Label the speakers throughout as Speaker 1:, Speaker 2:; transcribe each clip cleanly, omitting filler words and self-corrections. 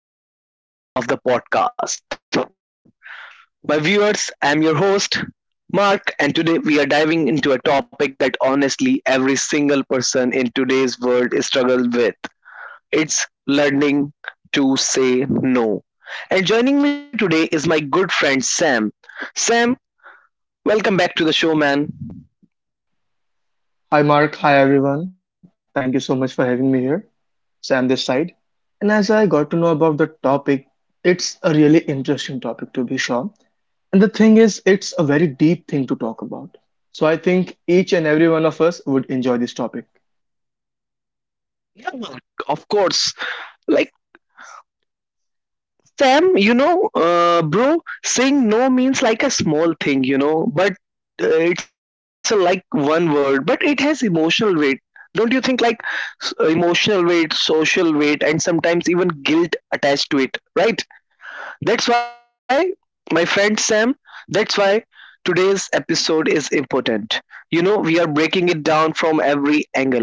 Speaker 1: another deep dive session of the podcast. My viewers, I'm your host, Mark, and today we are diving into a topic that honestly every single person in today's world struggles with. It's learning to say no. And joining me today is my good friend Sam. Sam, welcome back to the show, man.
Speaker 2: Hi Mark, hi everyone. Thank you so much for having me here. Sam this side. And as I got to know about the topic, it's a really interesting topic to be sure. And the thing is, it's a very deep thing to talk about. So I think each and every one of us would enjoy this topic.
Speaker 1: Yeah, Mark, of course. Like, Sam, bro, saying no means like a small thing, but it's like one word, but it has emotional weight. Don't you think like emotional weight, social weight, and sometimes even guilt attached to it, right? That's why, my friend Sam, that's why today's episode is important. You know, we are breaking it down from every angle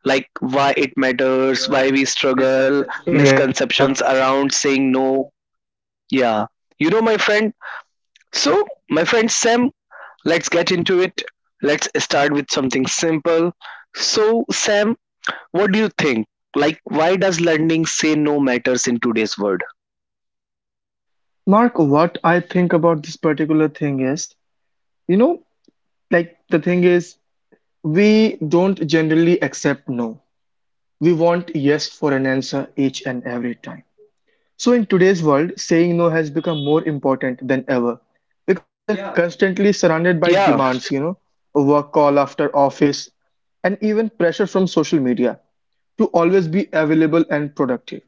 Speaker 1: like why it
Speaker 2: Mhm.
Speaker 1: matters, why we struggle,
Speaker 2: Yeah.
Speaker 1: misconceptions around saying no, yeah. You know, my friend, so my friend Sam, let's get into it. Let's start with something simple. So, Sam, what do you think? Like, why does learning say no matters in today's world?
Speaker 2: Mark, what I think about this particular thing is, you know, like the thing is, we don't generally accept no. We want yes for an answer each and every time. So, in today's world, saying no has become more important than ever because we are, yeah, constantly
Speaker 1: Yeah.
Speaker 2: surrounded by demands, a work call after office, and even pressure from social media to always be available and productive.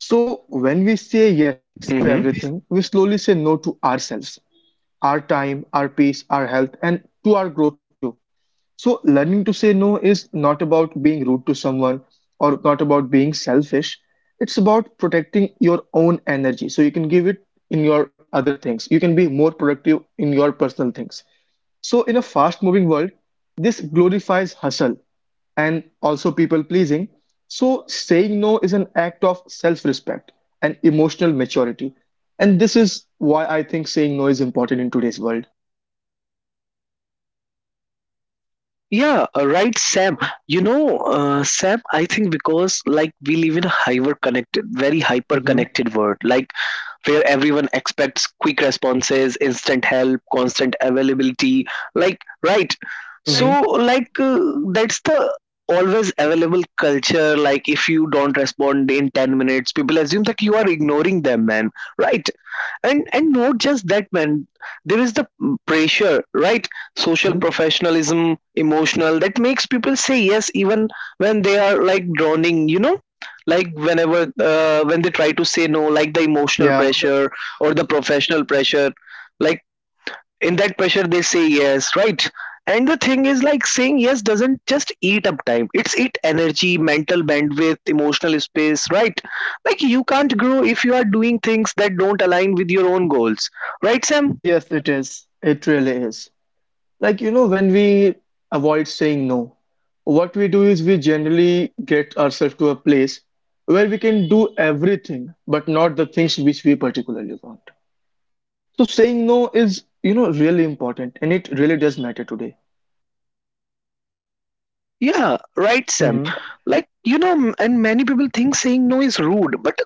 Speaker 2: So, when we say
Speaker 1: Hmm.
Speaker 2: yes to everything, we slowly say no to ourselves, our time, our peace, our health, and to our growth too. So, learning to say no is not about being rude to someone or not about being selfish. It's about protecting your own energy so you can give it in your other things. You can be more productive in your personal things. So, in a fast moving world, this glorifies hustle and also people pleasing. So, saying no is an act of self respect and emotional maturity. And this is why I think saying no is important in today's world.
Speaker 1: Yeah, right, Sam. Sam, I think because like we live in a hyper connected, very hyper
Speaker 2: Hmm.
Speaker 1: connected world. Like where everyone expects quick responses, instant help, constant availability. Like, right. So, like, that's the always available culture. Like, if you don't respond in 10 minutes, people assume that you are ignoring them, man. Right. And not just that, man, there is the pressure, right? Social,
Speaker 2: Hmm.
Speaker 1: professionalism, emotional, that makes people say yes even when they are like drowning, you know, like when they try to say no, like the emotional
Speaker 2: Yeah.
Speaker 1: pressure or the professional pressure, like in that pressure they say yes, right? And the thing is, like saying yes doesn't just eat up time, it's eat energy, mental bandwidth, emotional space, right? Like you can't grow if you are doing things that don't align with your own goals, right, Sam?
Speaker 2: Yes, it is. It really is. Like, when we avoid saying no, what we do is we generally get ourselves to a place where we can do everything, but not the things which we particularly want. So saying no is, really important and it really does matter today.
Speaker 1: Yeah, right, Sam.
Speaker 2: Mm-hmm.
Speaker 1: Like, and many people think saying no is rude, but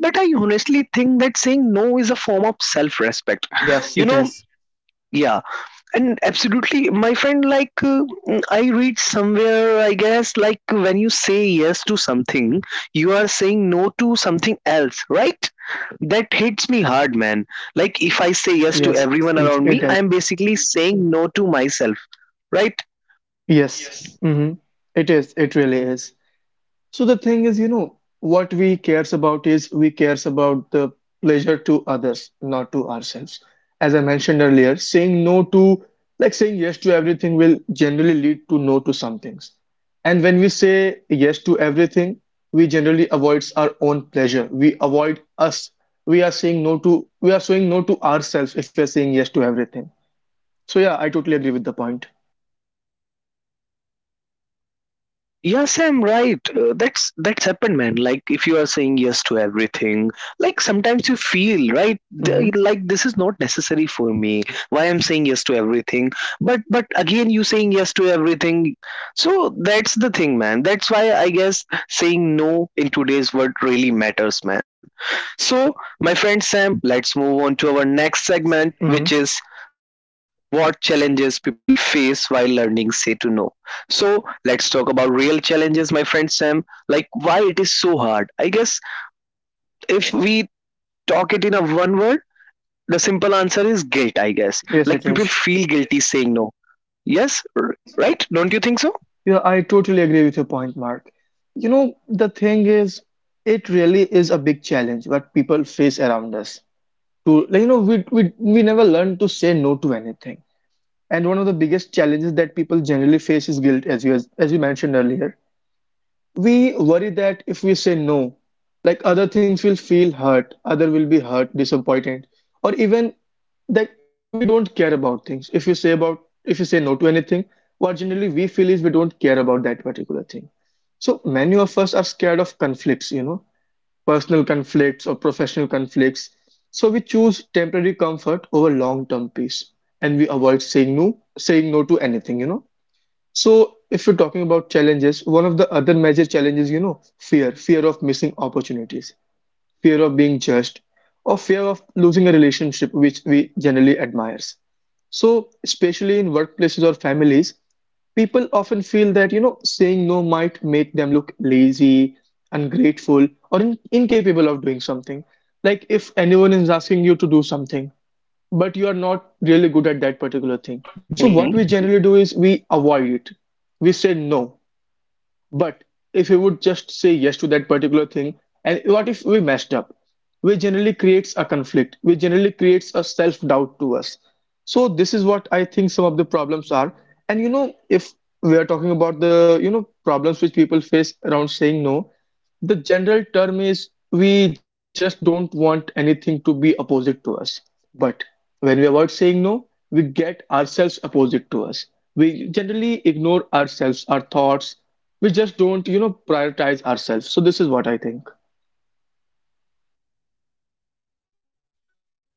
Speaker 1: but I honestly think that saying no is a form of self respect
Speaker 2: Yes, it
Speaker 1: you know.
Speaker 2: is.
Speaker 1: Yeah. And absolutely, my friend, like I read somewhere, I guess, like when you say yes to something, you are saying no to something else, right? That hits me hard, man. Like if I say yes to
Speaker 2: Yes,
Speaker 1: everyone
Speaker 2: it
Speaker 1: around
Speaker 2: does.
Speaker 1: me, I am basically saying no to myself, right?
Speaker 2: Yes. Mm-hmm. It is. It really is. So the thing is, what we cares about is we cares about the pleasure to others, not to ourselves. As I mentioned earlier, saying no to, like saying yes to everything will generally lead to no to some things. And when we say yes to everything, we generally avoids our own pleasure. We avoid us. We are saying no to, we are saying no to ourselves if we are saying yes to everything. So yeah, I totally agree with the point.
Speaker 1: Yeah, Sam, right. That's happened, man. Like if you are saying yes to everything, like sometimes you feel right,
Speaker 2: Mm-hmm.
Speaker 1: like this is not necessary for me. Why I'm saying yes to everything, but again you saying yes to everything. So that's the thing, man. That's why I guess saying no in today's world really matters, man. So, my friend Sam, let's move on to our next segment,
Speaker 2: Mm-hmm.
Speaker 1: which is what challenges people face while learning say to no. So let's talk about real challenges, my friend Sam. Like, why it is so hard, I guess. If we talk it in a one word, the simple answer is guilt,
Speaker 2: Mm-hmm.
Speaker 1: I
Speaker 2: Yes,
Speaker 1: guess.
Speaker 2: it
Speaker 1: Like people feel guilty saying no. yes
Speaker 2: is.
Speaker 1: r- right, don't you think
Speaker 2: Yeah,
Speaker 1: so?
Speaker 2: I totally agree with your point, Mark. You know, the thing is, it really is a big challenge what people face around us. To like, we never learn to say no to anything. And one of the biggest challenges that people generally face is guilt, as you mentioned earlier, we worry that if we say no, like other things will feel hurt, other will be hurt, disappointed, or even that we don't care about things. If you say no to anything, what generally we feel is we don't care about that particular thing. So many of us are scared of conflicts, personal conflicts or professional conflicts. So we choose temporary comfort over long-term peace, and we avoid saying no to anything. So, if we're talking about challenges, one of the other major challenges, fear, fear of missing opportunities, fear of being judged, or fear of losing a relationship which we generally admires. So, especially in workplaces or families, people often feel that, saying no might make them look lazy, ungrateful, or incapable of doing something. Like if anyone is asking you to do something, but you are not really good at that particular thing. So what we generally do is we avoid it. We say no. But if we would just say yes to that particular thing, and what if we messed up? We generally creates a conflict. We generally creates a self-doubt to us. So this is what I think some of the problems are. And you know, if we are talking about the, problems which people face around saying no, the general term is we just don't want anything to be opposite to us. But when we avoid saying no, we get ourselves opposite to us. We generally ignore ourselves, our thoughts. We just don't, prioritize ourselves. So this is what I think.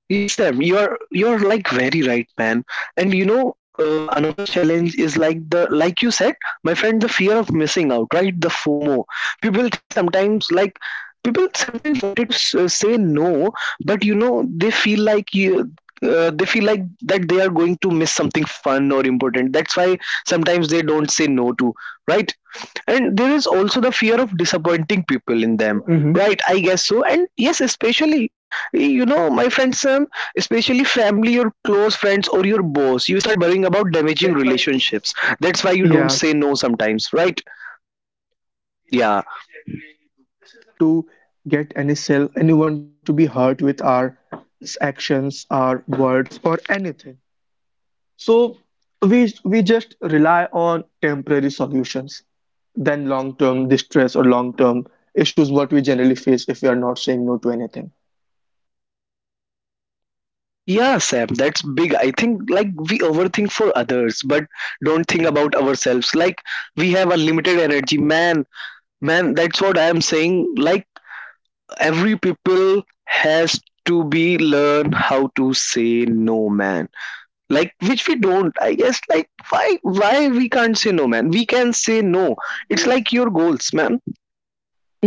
Speaker 1: Yes, Sam, you're like very right, man. And you know, another challenge is like the like you said, my friend, the fear of missing out, right? The FOMO. People think sometimes like people sometimes wanted to say no, but you know, they feel like you. They feel like that they are going to miss something fun or important. That's why sometimes they don't say no to, right? And there is also the fear of disappointing people in them,
Speaker 2: Mhm.
Speaker 1: right? I guess so. And yes, especially, you know, my friends, especially family, your close friends or your boss, you start worrying about damaging relationships. That's why you don't
Speaker 2: Yeah,
Speaker 1: say no sometimes, right?
Speaker 2: yeah, we generally do.
Speaker 1: Yeah.
Speaker 2: This is the main thing. Now, we don't want to get anyone to be hurt with our actions, our words, or anything. So we just rely on temporary solutions than long-term distress or long-term issues what we generally face if we are not saying no to anything.
Speaker 1: Yeah, Sam, that's big. I think like we overthink for others but don't think about ourselves. Like we have a limited energy, man. Man, that's what I am saying. Like every people has to be learn how to say no, man, like which we don't, I guess. Like why we can't say no, man. We can say no. It's like your goals, man.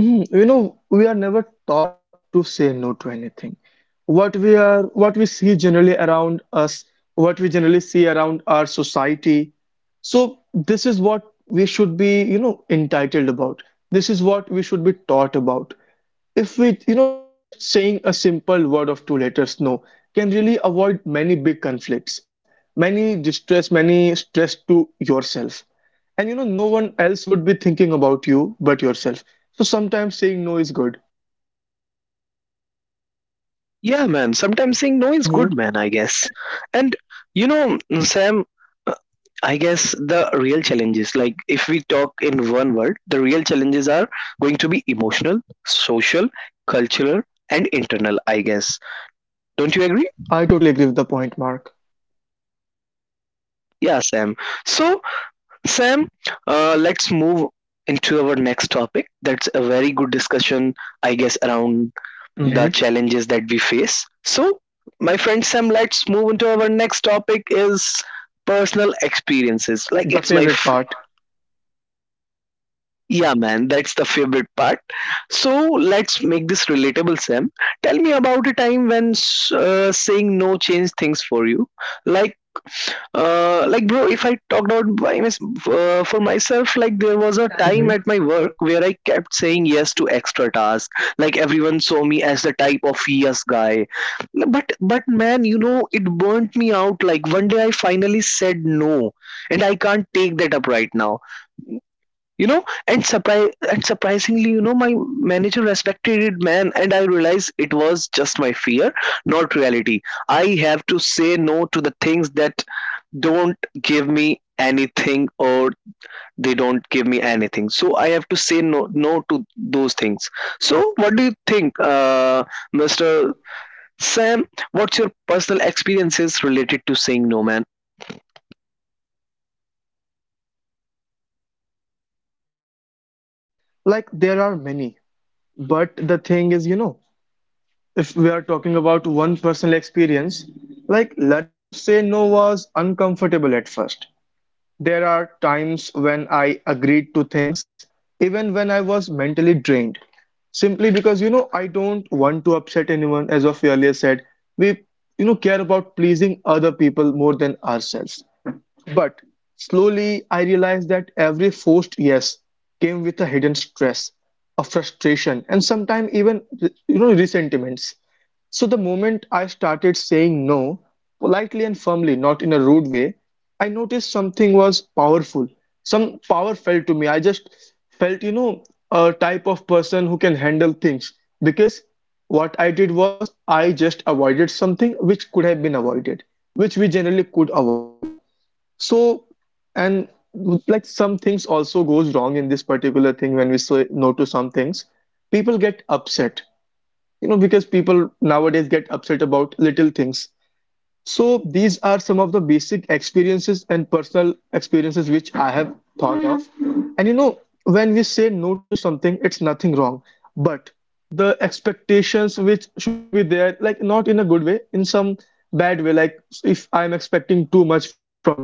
Speaker 2: Mhm. You know, we are never taught to say no to anything. What we see generally around us, what we generally see around our society. So this is what we should be, entitled about. This is what we should be taught about. If we, just saying a simple word of two letters no can really avoid many big conflicts, many distress, many stress to yourself. And you know, no one else would be thinking about you but yourself. So sometimes saying no is good.
Speaker 1: Yeah, man. Sometimes saying no is good,
Speaker 2: Mm-hmm.
Speaker 1: man, I guess. And you know, Sam, uh, I guess the real challenges, like if we talk in one word, the real challenges are going to be emotional, social, cultural, and internal, I guess. Don't you agree?
Speaker 2: I totally agree with the point, Mark.
Speaker 1: Yeah, Sam. So, Sam, let's move into our next topic. That's a very good discussion, I guess, around the
Speaker 2: Mm-hmm.
Speaker 1: challenges that we face. So, my friend Sam, let's move into our next topic is personal experiences. Like
Speaker 2: The
Speaker 1: it's my —
Speaker 2: favorite part.
Speaker 1: yeah, man, that's the favorite part. So let's make this relatable, Sam. Tell me about a time when saying no changed things for you. Like, like, bro, if I talked about by for myself, like there was a time
Speaker 2: Hmm.
Speaker 1: at my work where I kept saying yes to extra tasks. Like everyone saw me as the type of yes guy. But man, you know, it burnt me out. Like one day I finally said no, and I can't take that up right now. And surprise and surprisingly, you know, my manager respected it, man. And I realized it was just my fear, not reality. I have to say no to the things that don't give me anything, or they don't give me anything, so I have to say no, no to those things. So what do you think, Mr. Sam? What's your personal experiences related to saying no, man?
Speaker 2: So, Mark, if we talk about some personal experiences, like there are many, but the thing is, if we are talking about one personal experience, like learning to say no was uncomfortable at first. There are times when I agreed to things, even when I was mentally drained, simply because I don't want to upset anyone. As of earlier said, we care about pleasing other people more than ourselves. But slowly I realized that every forced yes came with a hidden stress, a frustration, and sometimes even resentments. So the moment I started saying no, politely and firmly, not in a rude way, I noticed something was powerful. Some power felt to me. I just felt, a type of person who can handle things because what I did was I just avoided something which could have been avoided, which we generally could avoid. So, and like some things also goes wrong in this particular thing when we say no to some things. People get upset, because people nowadays get upset about little things. So these are some of the basic experiences and personal experiences which I have thought of. And you know, when we say no to something, it's nothing wrong. But the expectations which shouldn't be there, like not in a good way, in some bad way, like if I'm expecting too much from you,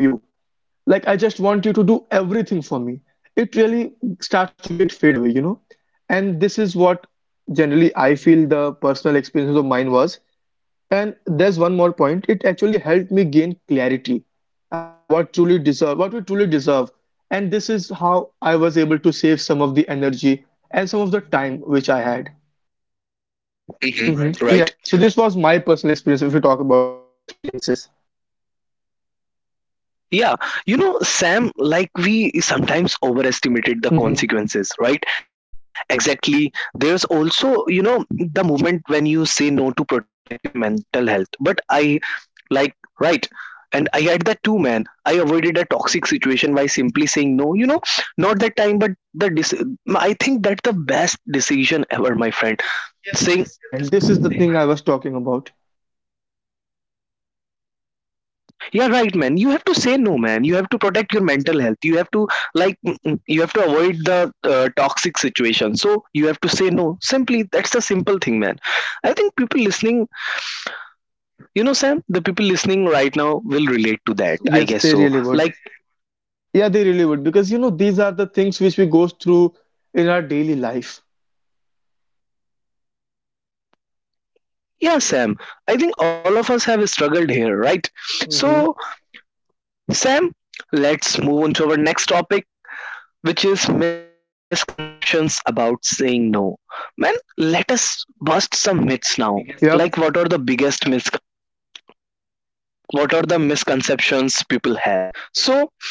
Speaker 2: like I just want you to do everything for me, it really starts to get fade away. And this is what generally I feel the personal experience of mine was. And there's one more point, it actually helped me gain clarity about what we truly deserve. And this is how I was able to save some of the energy and some of the time which I had. Mhm. Hmm.
Speaker 1: Hmm.
Speaker 2: Right.
Speaker 1: Right.
Speaker 2: Yeah. So this was my personal experience if you talk about the experiences.
Speaker 1: Yeah. You know, Sam, like we sometimes overestimated
Speaker 2: Hmm.
Speaker 1: the consequences, right? Exactly. There's also, you know, the movement when you say no to protect your mental health. But I — like, right. And I had that too, man. I avoided a toxic situation by simply saying
Speaker 2: Hmm.
Speaker 1: no. You know, not that time, but the I think that's the best decision ever, my
Speaker 2: Yes,
Speaker 1: friend.
Speaker 2: yes, yes. This is the
Speaker 1: Saying —
Speaker 2: thing, my friend. This is the thing I was talking about.
Speaker 1: yeah, right, man. You have to say no, man. You have to protect your mental health. You have to you have to avoid the toxic situation. So you have to say no. Simply, that's the simple thing, man. I think people listening, Sam, the people listening right now will
Speaker 2: I
Speaker 1: relate to
Speaker 2: guess so.
Speaker 1: that. I
Speaker 2: Yes, they
Speaker 1: guess
Speaker 2: really
Speaker 1: so.
Speaker 2: would.
Speaker 1: Like,
Speaker 2: Yeah, they really would because these are the things which we go through in our daily life.
Speaker 1: yeah, Sam. I think all of us have struggled here, right?
Speaker 2: Hmm.
Speaker 1: So, Sam, let's move on to our next topic, which is misconceptions about saying no. Man, let us bust some myths
Speaker 2: The
Speaker 1: now.
Speaker 2: biggest, yep,
Speaker 1: Like,
Speaker 2: concern.
Speaker 1: what are the biggest mis? What are the misconceptions people have? So,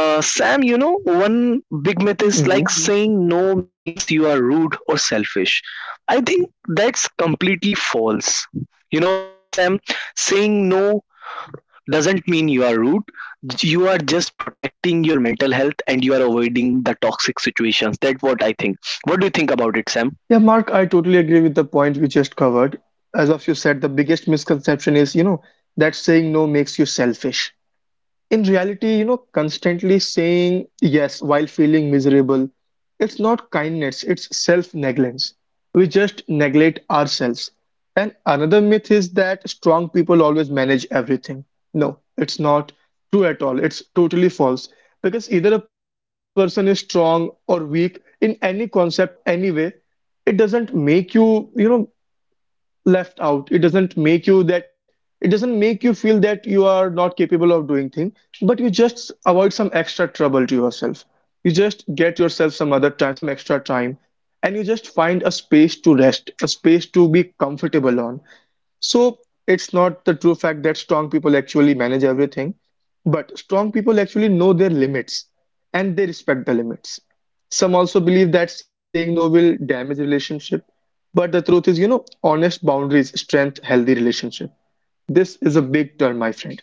Speaker 1: Sam, you know, one big
Speaker 2: Saying,
Speaker 1: myth is
Speaker 2: no means.
Speaker 1: like saying no means you are rude or selfish. I think that's completely false. You know, Sam, saying no doesn't mean you are rude. You are just protecting your mental health and you are avoiding the toxic situations. That's what I think. What do you think about it, Sam?
Speaker 2: Yeah, Mark, I totally agree with the point we just covered. As of you said, the biggest misconception is, that saying no makes you selfish. In reality, constantly saying yes while feeling miserable, it's not kindness, it's self-negligence. We just neglect ourselves. And another myth is that strong people always manage everything. No, it's not true at all. It's totally false. Because either a person is strong or weak in any concept, in any way, it doesn't make you, left out it doesn't make you feel that you are not capable of doing things. But you just avoid some extra trouble to yourself. You just get yourself some other time, some extra time. And you just find a space to rest, a space to be comfortable on. So it's not the true fact that strong people actually manage everything, but strong people actually know their limits and they respect the limits. Some also believe that saying no will damage relationship, but the truth is, honest boundaries strengthen healthy relationship. This is a big term, my friend.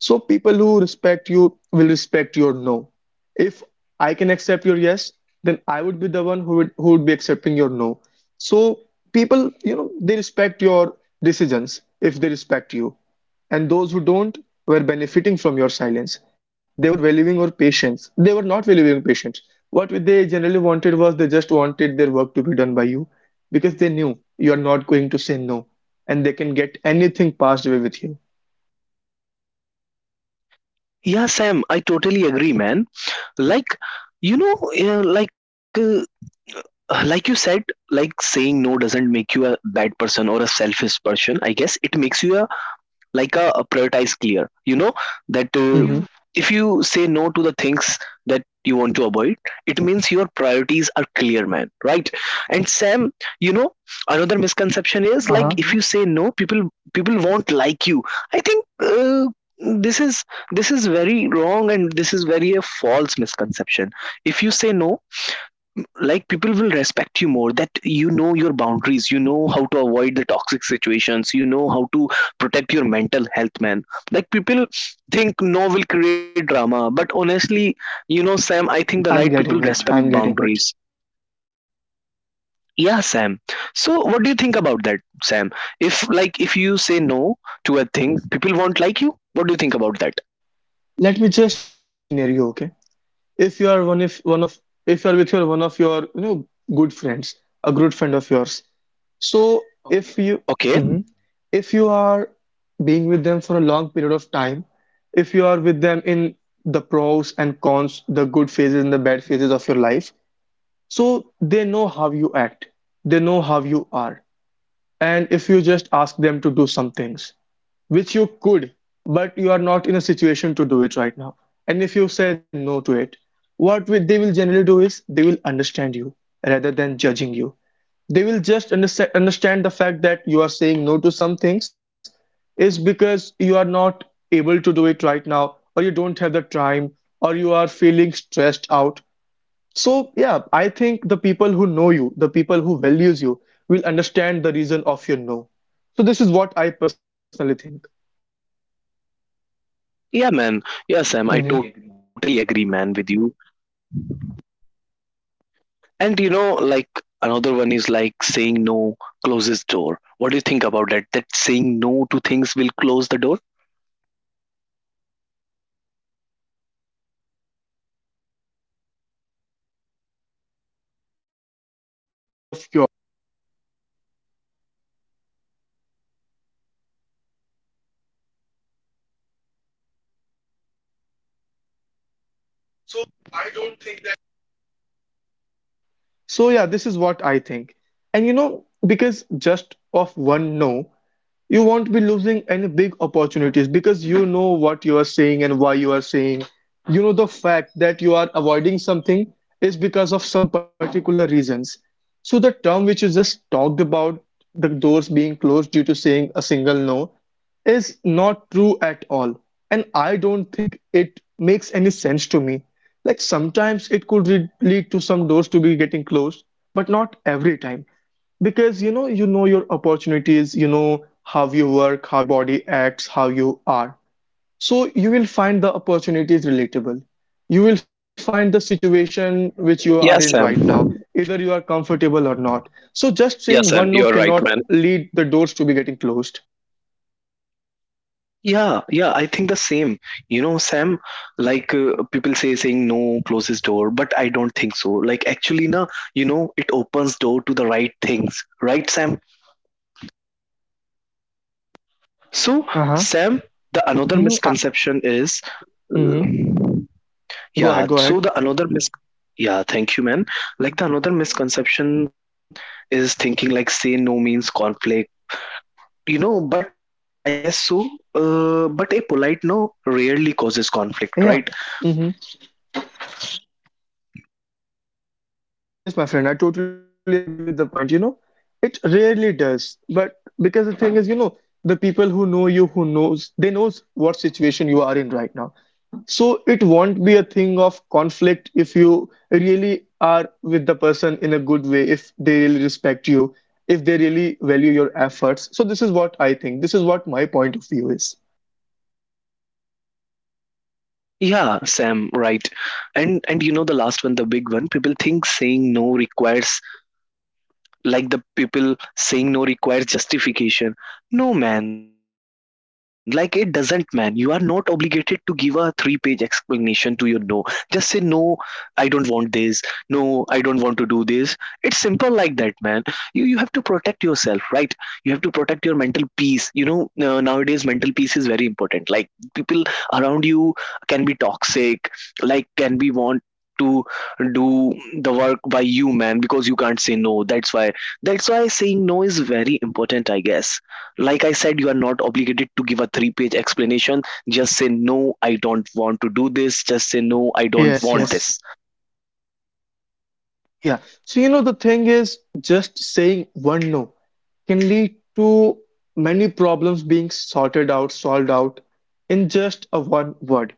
Speaker 2: So people who respect you will respect your no. If I can accept your yes, then I would be the one who would be accepting your no. So people, they respect your decisions if they respect you. And those who don't were benefiting from your silence. They were valuing your patience. They were not valuing patience. What they generally wanted was they just wanted their work to be done by you because they knew you are not going to say no and they can get anything passed away with you.
Speaker 1: Yeah, Sam, I totally agree, man. Like, you know, uh, like, uh, like you said, like saying no doesn't make you a bad person or a selfish person. I guess it makes you a — like a prioritize clear, you know, that if you say no to the things that you want to avoid, it means your priorities are clear, man, right? And Sam, you know, another misconception is like
Speaker 2: Uh-huh.
Speaker 1: if you say no, people won't like you. I think this is this is very wrong, and this is very a false misconception. If you say no, like people will respect you more, that you know your boundaries, you know how to avoid the toxic situations, you know how to protect your mental health, man. Like people think no will create drama, but honestly, you know, Sam, I think the right
Speaker 2: I'm
Speaker 1: people
Speaker 2: getting
Speaker 1: respect
Speaker 2: it. I'm getting
Speaker 1: boundaries.
Speaker 2: it.
Speaker 1: Yeah, Sam. So what do you think about that, Sam? If like, if you say no to a thing, people won't like you. What do you think about that?
Speaker 2: Let me just make a scenario, okay? If you are one if one of if you are with your one of your you know good friends, a good friend of yours. So if you
Speaker 1: Okay.
Speaker 2: Mhm. if you are being with them for a long period of time, if you are with them in the pros and cons, the good phases and the bad phases of your life, so they know how you act. They know how you are. And if you just ask them to do some things which you could but you are not in a situation to do it right now, and if you say no to it, what they will generally do is they will understand you rather than judging you. They will just understand the fact that you are saying no to some things is because you are not able to do it right now, or you don't have the time, or you are feeling stressed out. So, yeah, I think the people who know you, the people who values you, will understand the reason of your no. So this is what I personally think.
Speaker 1: Yeah, man.
Speaker 2: I
Speaker 1: Yeah,
Speaker 2: totally
Speaker 1: Sam, I
Speaker 2: agree, man.
Speaker 1: totally agree, man, with you. And you know, like another one is like saying no closes door. What do you think about that? That saying no to things will close the door?
Speaker 2: No, I don't think so. It's not a point we should be talking about because, you know, saying no won't be closing any door of yours, but what it will do is it will just get you out of the situation which you are stuck in right now, you know? So I don't think that saying no will close any door for you. So yeah, this is what I think. And you know, because just of one no, you won't be losing any big opportunities because you know what you are saying and why you are saying. You know the fact that you are avoiding something is because of some particular reasons. So the term which you just talked about, the doors being closed due to saying a single no, is not true at all, and I don't think it makes any sense to me. Like sometimes it could lead to some doors to be getting closed, but not every time, because you know, you know your opportunities, you know how you work, how your body acts, how you are. So you will find the opportunities relatable, you will find the situation which you
Speaker 1: Yeah,
Speaker 2: are in
Speaker 1: Sam.
Speaker 2: right now, either you are comfortable or not. So just
Speaker 1: Yeah,
Speaker 2: saying
Speaker 1: Sam,
Speaker 2: one
Speaker 1: you
Speaker 2: no
Speaker 1: are right,
Speaker 2: cannot
Speaker 1: man.
Speaker 2: lead the doors to be getting closed.
Speaker 1: Yeah, yeah, I think the same. You know, Sam, like people say saying no closes door, but I don't think so. Like actually na, you know, it opens door to the right things, right, Sam? So,
Speaker 2: Uh-huh.
Speaker 1: Sam, the
Speaker 2: Mhm.
Speaker 1: another misconception is —
Speaker 2: Mm-hmm.
Speaker 1: uh,
Speaker 2: Go ahead, go
Speaker 1: yeah,
Speaker 2: ahead.
Speaker 1: so the another mis yeah, thank you, man. Like the another misconception is thinking like say no means conflict, you know, but I guess so. But a polite no rarely causes conflict, right?
Speaker 2: Yeah. Mm-hmm. Yes, my friend, I totally agree with the point. You know, it rarely does, but because the thing is, you know, the people who know you, who knows, they knows what situation you are in right now. So it won't be a thing of conflict if you really are with the person in a good way, if they really respect you, if they really value your efforts. So this is what I think. This is what my point of view is.
Speaker 1: Yeah, Sam, right. And you know the last one, the big one, people think saying no requires — like the people saying no requires justification. No, man, like it doesn't, man. You are not obligated to give a 3 page explanation to your no. Just say no, I don't want this. No, I don't want to do this. It's simple like that, man. You have to protect yourself, right? You have to protect your mental peace, you know. Nowadays mental peace is very important. Like people around you can be toxic, like can be want to do the work by you, man, because you can't say no. That's why saying no is very important, I guess. Like I said, you are not obligated to give a three-page explanation. Just say no, I don't want to do this. Just say no, I don't
Speaker 2: Yes,
Speaker 1: want
Speaker 2: yes.
Speaker 1: this.
Speaker 2: Yeah. So, you know, the thing is, just saying one no can lead to many problems being sorted out, solved out in just a one word.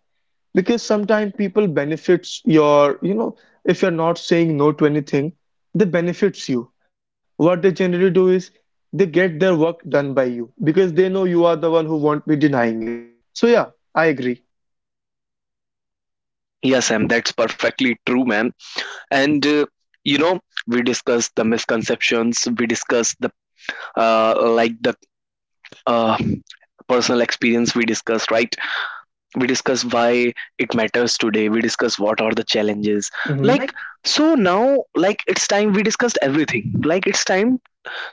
Speaker 2: Because sometimes people benefits your, you know, if you're not saying no to anything, they benefits you. What they generally do is they get their work done by you because they know you are the one who won't be denying it. So yeah, I agree.
Speaker 1: Yes, Sam, that's perfectly true, man. And you know, we discussed the misconceptions, we discussed the like the uh, personal experience we discussed, right? We discuss why it matters today, we discuss what are the challenges.
Speaker 2: Mm-hmm.
Speaker 1: Like,
Speaker 2: Like,
Speaker 1: so now, like it's time we discussed everything. Like it's time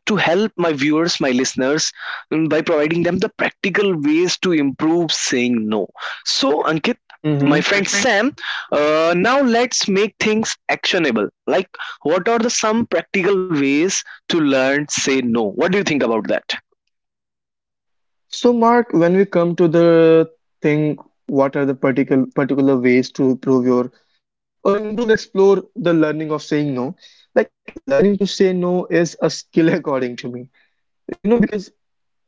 Speaker 1: to help my viewers, my listeners, by providing them the practical ways to improve saying no. So, Ankit,
Speaker 2: if
Speaker 1: my
Speaker 2: Mm-hmm. you,
Speaker 1: friend Sam, now let's make things actionable. Like, what are the some practical ways to learn say no? What do you think about that?
Speaker 2: so, Mark, when we come to the thing, what are the particular ways to improve your or improve your explore the learning of saying no? Like learning to say no is a skill according to me. You know, because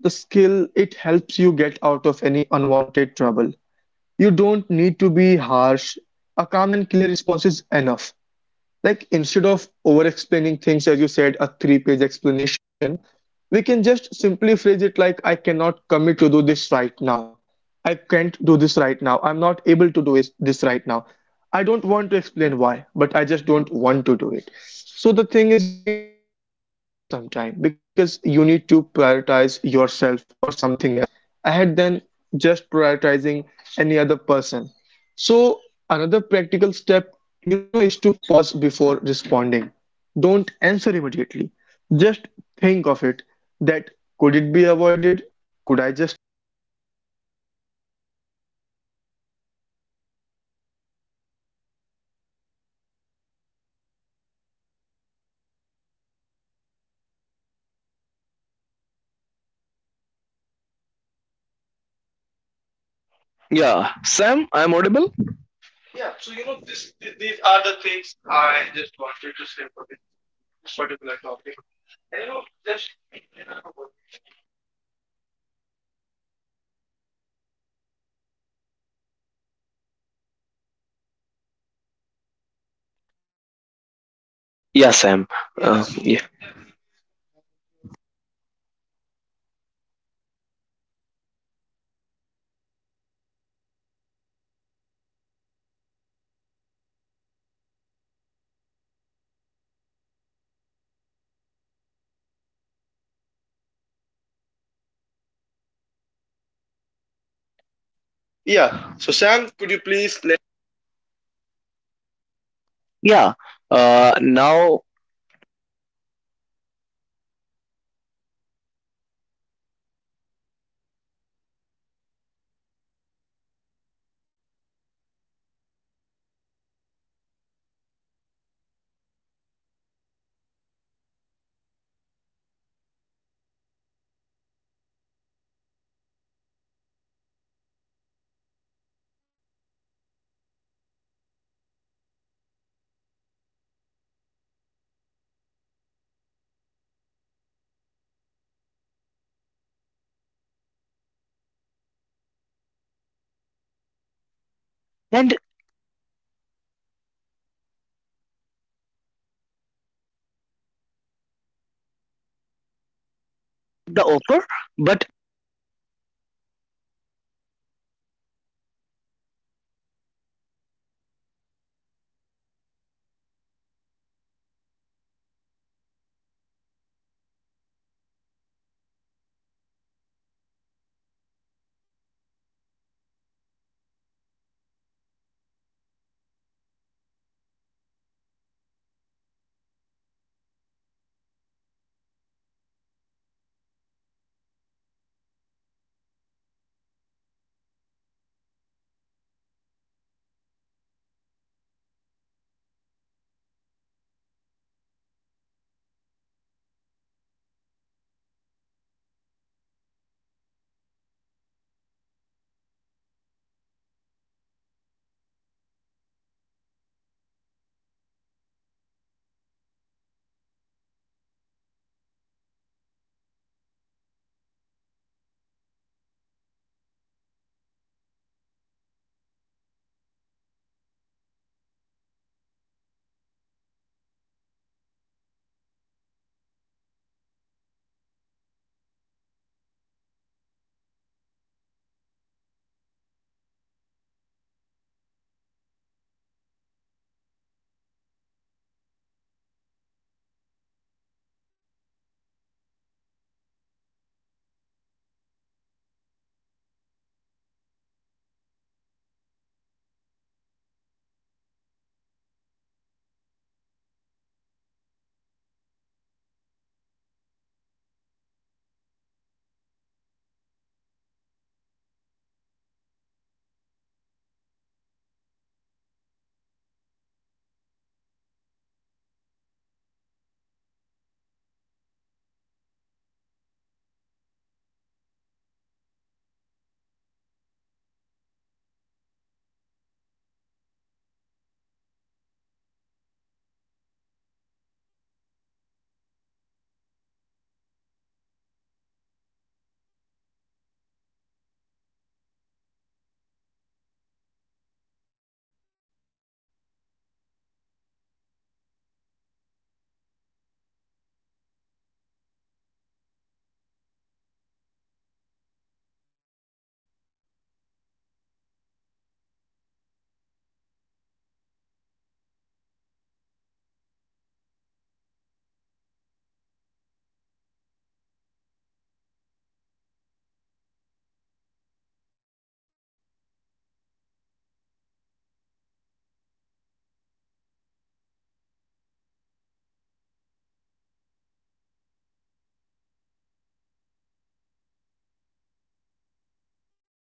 Speaker 2: the skill it helps you get out of any unwanted trouble. You don't need to be harsh. A calm and clear response is enough. Like instead of over explaining things, as you said, a three-page explanation, we can just simply phrase it like I cannot commit to do this right now. I can't do this right now. I'm not able to this right now. I don't want to explain why, but I just don't want to do it. So the thing is, you know, it will work sometime because you need to prioritize yourself or something else ahead than just prioritizing any other person. So, another practical step, you know, is to pause before responding. Don't answer immediately. Just think of it, that could it be avoided? Could I just say no to this particular thing, you know? So this is what I think, and you know, it gives you the time for yourself. It gives you the time for yourself to think that if you are, if you can do it without any hassle, if you can do this without any trouble, you simply can do this.
Speaker 1: Yeah, Sam, I'm audible.
Speaker 2: Yeah, so you know this, this these are the things I just wanted to say for this thing, this particular topic. And you know, just remember one thing, that saying no to one thing often means saying yes to something else. Because if we deny something, we accept some things, you
Speaker 1: Yeah,
Speaker 2: know?
Speaker 1: Sam. Yes, yeah. Yes,
Speaker 2: Yeah, so the thing is, your health, your goals, and your peace of mind is what generally matters, is what you clear about, you know? So this was I this is what I thought really matters. And you know, my friend Mark, what we can do is we can just say simple no and it won't matter, you know? Yeah. So Sam, could you please let us to the another topic?
Speaker 1: yeah.
Speaker 2: Yeah.
Speaker 1: Now —
Speaker 2: Now Yeah, now I guess it's time to the tips and tricks like for our viewers. So, my friend Sam, you can take a Mm-hmm. sip of water. I have some tips for my viewers. So, sure, go ahead. Yeah, my viewers, listen very carefully. I have some tips and tricks that will work for you. So, I'm starting with something small. Start like my viewers start with something knows like practice with low stake situations. Okay, like you are saying no to an extra task when you are already packed, or declining a plan activity,
Speaker 1: and
Speaker 2: and and number two is use clear respectful sentences, right, like for example, like
Speaker 1: the offer,
Speaker 2: appreciate the
Speaker 1: but
Speaker 2: offer, but I can't commit right now, right, or I had loved to help but I don't have to capacity to do it. Like, you know, by using these phrases, by using these respectful sentences, like you know my viewers, you can say no without any disrespect. And the tip number three, don't over explain. Please my viewers, don't over explain yourself. Just that's a big one. A simple no to the work that you don't want is enough. My viewers, number four will be set boundaries early. Please set your boundaries that you want this and you don't want this. People will respect what you communicate clearly, my viewers. So please set your boundaries. Yes, yes, my friend. Yeah, you really stated a very important thing. We need to set our boundaries, you know. Because every time we cannot say yes to everything. Sometimes saying no to some things just leads to a much simpler, you know, as we say, conclusion. It really just gets us to something which can be managed, which we really can manage, you know. So, yeah, I totally agree with the point, Mark, you just said. So, Mark, what do you think? Yeah, man. Yeah, that's the tips and tricks that change my life, man. When someone asks for something, pause. Like when someone asks for something, my listeners, please pause and think. Like, do I actually want this? Please, uh, do this question to yourself, and you will know that what things you matters for you and what things will not matter for you. Simply say no to what things that doesn't matter for you. Yeah, yeah. Yeah. So my friend Sam, let's move on to our next topic, how society views saying no. Let's talk about society's views because culturally saying no is sometimes labeled negatively. I think especially in communities where politeness equals to obedience, you think like people like many people confuse respect with agreement, but they are different. So Sam, what do you think how society views saying no? So, Mark, you know, society often praise people who are always available, like always helping, always adjusting. But they rarely talks about the burnout behind that behavior. Saying no is something misunderstood as attitude or ignorance. So, especially when you start setting boundaries for the first time, but slowly, not at once, perspectives are getting changed. Mental health conversations are, you know, making people realize that boundaries are necessary for anything, not optional. It is something which must be there. So, society may not always applaud your no, but your future self definitely will. You will appreciate yourself saying no to some particular things because that is something that you know just gets the hassle away from our day-to-day life.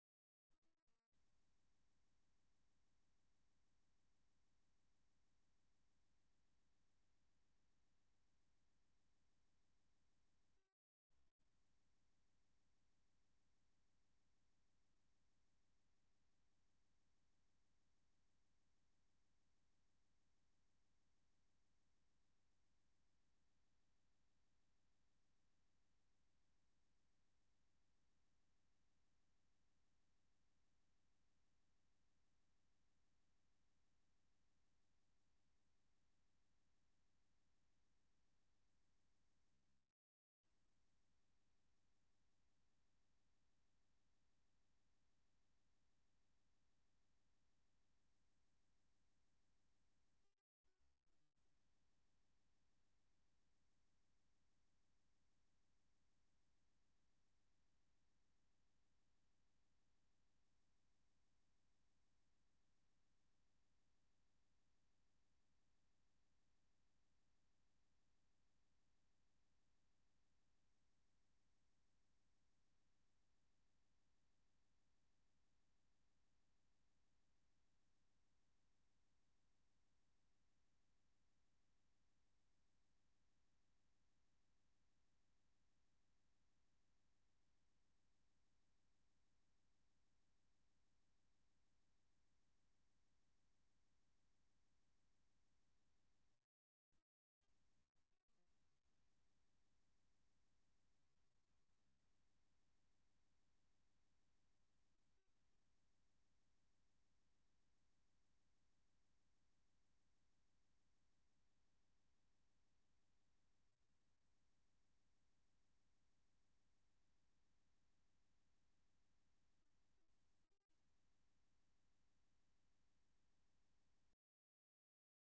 Speaker 2: And you know, like social media has opened conversation around the mental health and burnout, like making no is more acceptable. But but you know, Sam, society still expects compliance sometimes. Mm-hmm. But I think, like in the, the modern culture is Uh-huh. shifting, like people now respect boundary setting. So please my viewers, my listeners, to all who are listening, please learn how to say no. Mm-hmm. Yeah, we should learn how to say, you know, because saying no is something which just, you know, releases the pressure, Yeah, and it right, right. Mhm, and it gets us to, you know, a very good and very satisfying conclusion because it generally helps us to get off out of a particular situation. Yeah, right, Sam. So, all right, my viewers, my listeners, all right, folks, that was a very powerful It conversation. Really was. Yeah, man, learning to say no is a journey, like I said, like emotional, personal. Sometimes you feel uncomfortable, but it's one of the best gifts you can give to yourself. So, my Yes. listeners, please set boundaries, boundaries which make life healthier. So, that's it for the show. And thank you so much, Sam, for the insights today. Thank you so much, Mark. I really appreciate it. Yeah, thank you so much for coming for the podcast, man. Thank you, everyone, for listening us out. And be healthy, be comfortable to yourself. Don't just rely on what people would think if you are just saying a simple no. And my listeners, remember, your time, your energy, your peace, they are limited resources. Yes, they are. Yeah. So protect them by saying no when you need to. So this is your host signing off. See you next. See you in the next episode. It's your host, Mark. And thank you so much, my Thank you viewers, so my much, listeners. Mark. Thank you so much. Thank you so much, everyone. Thank you.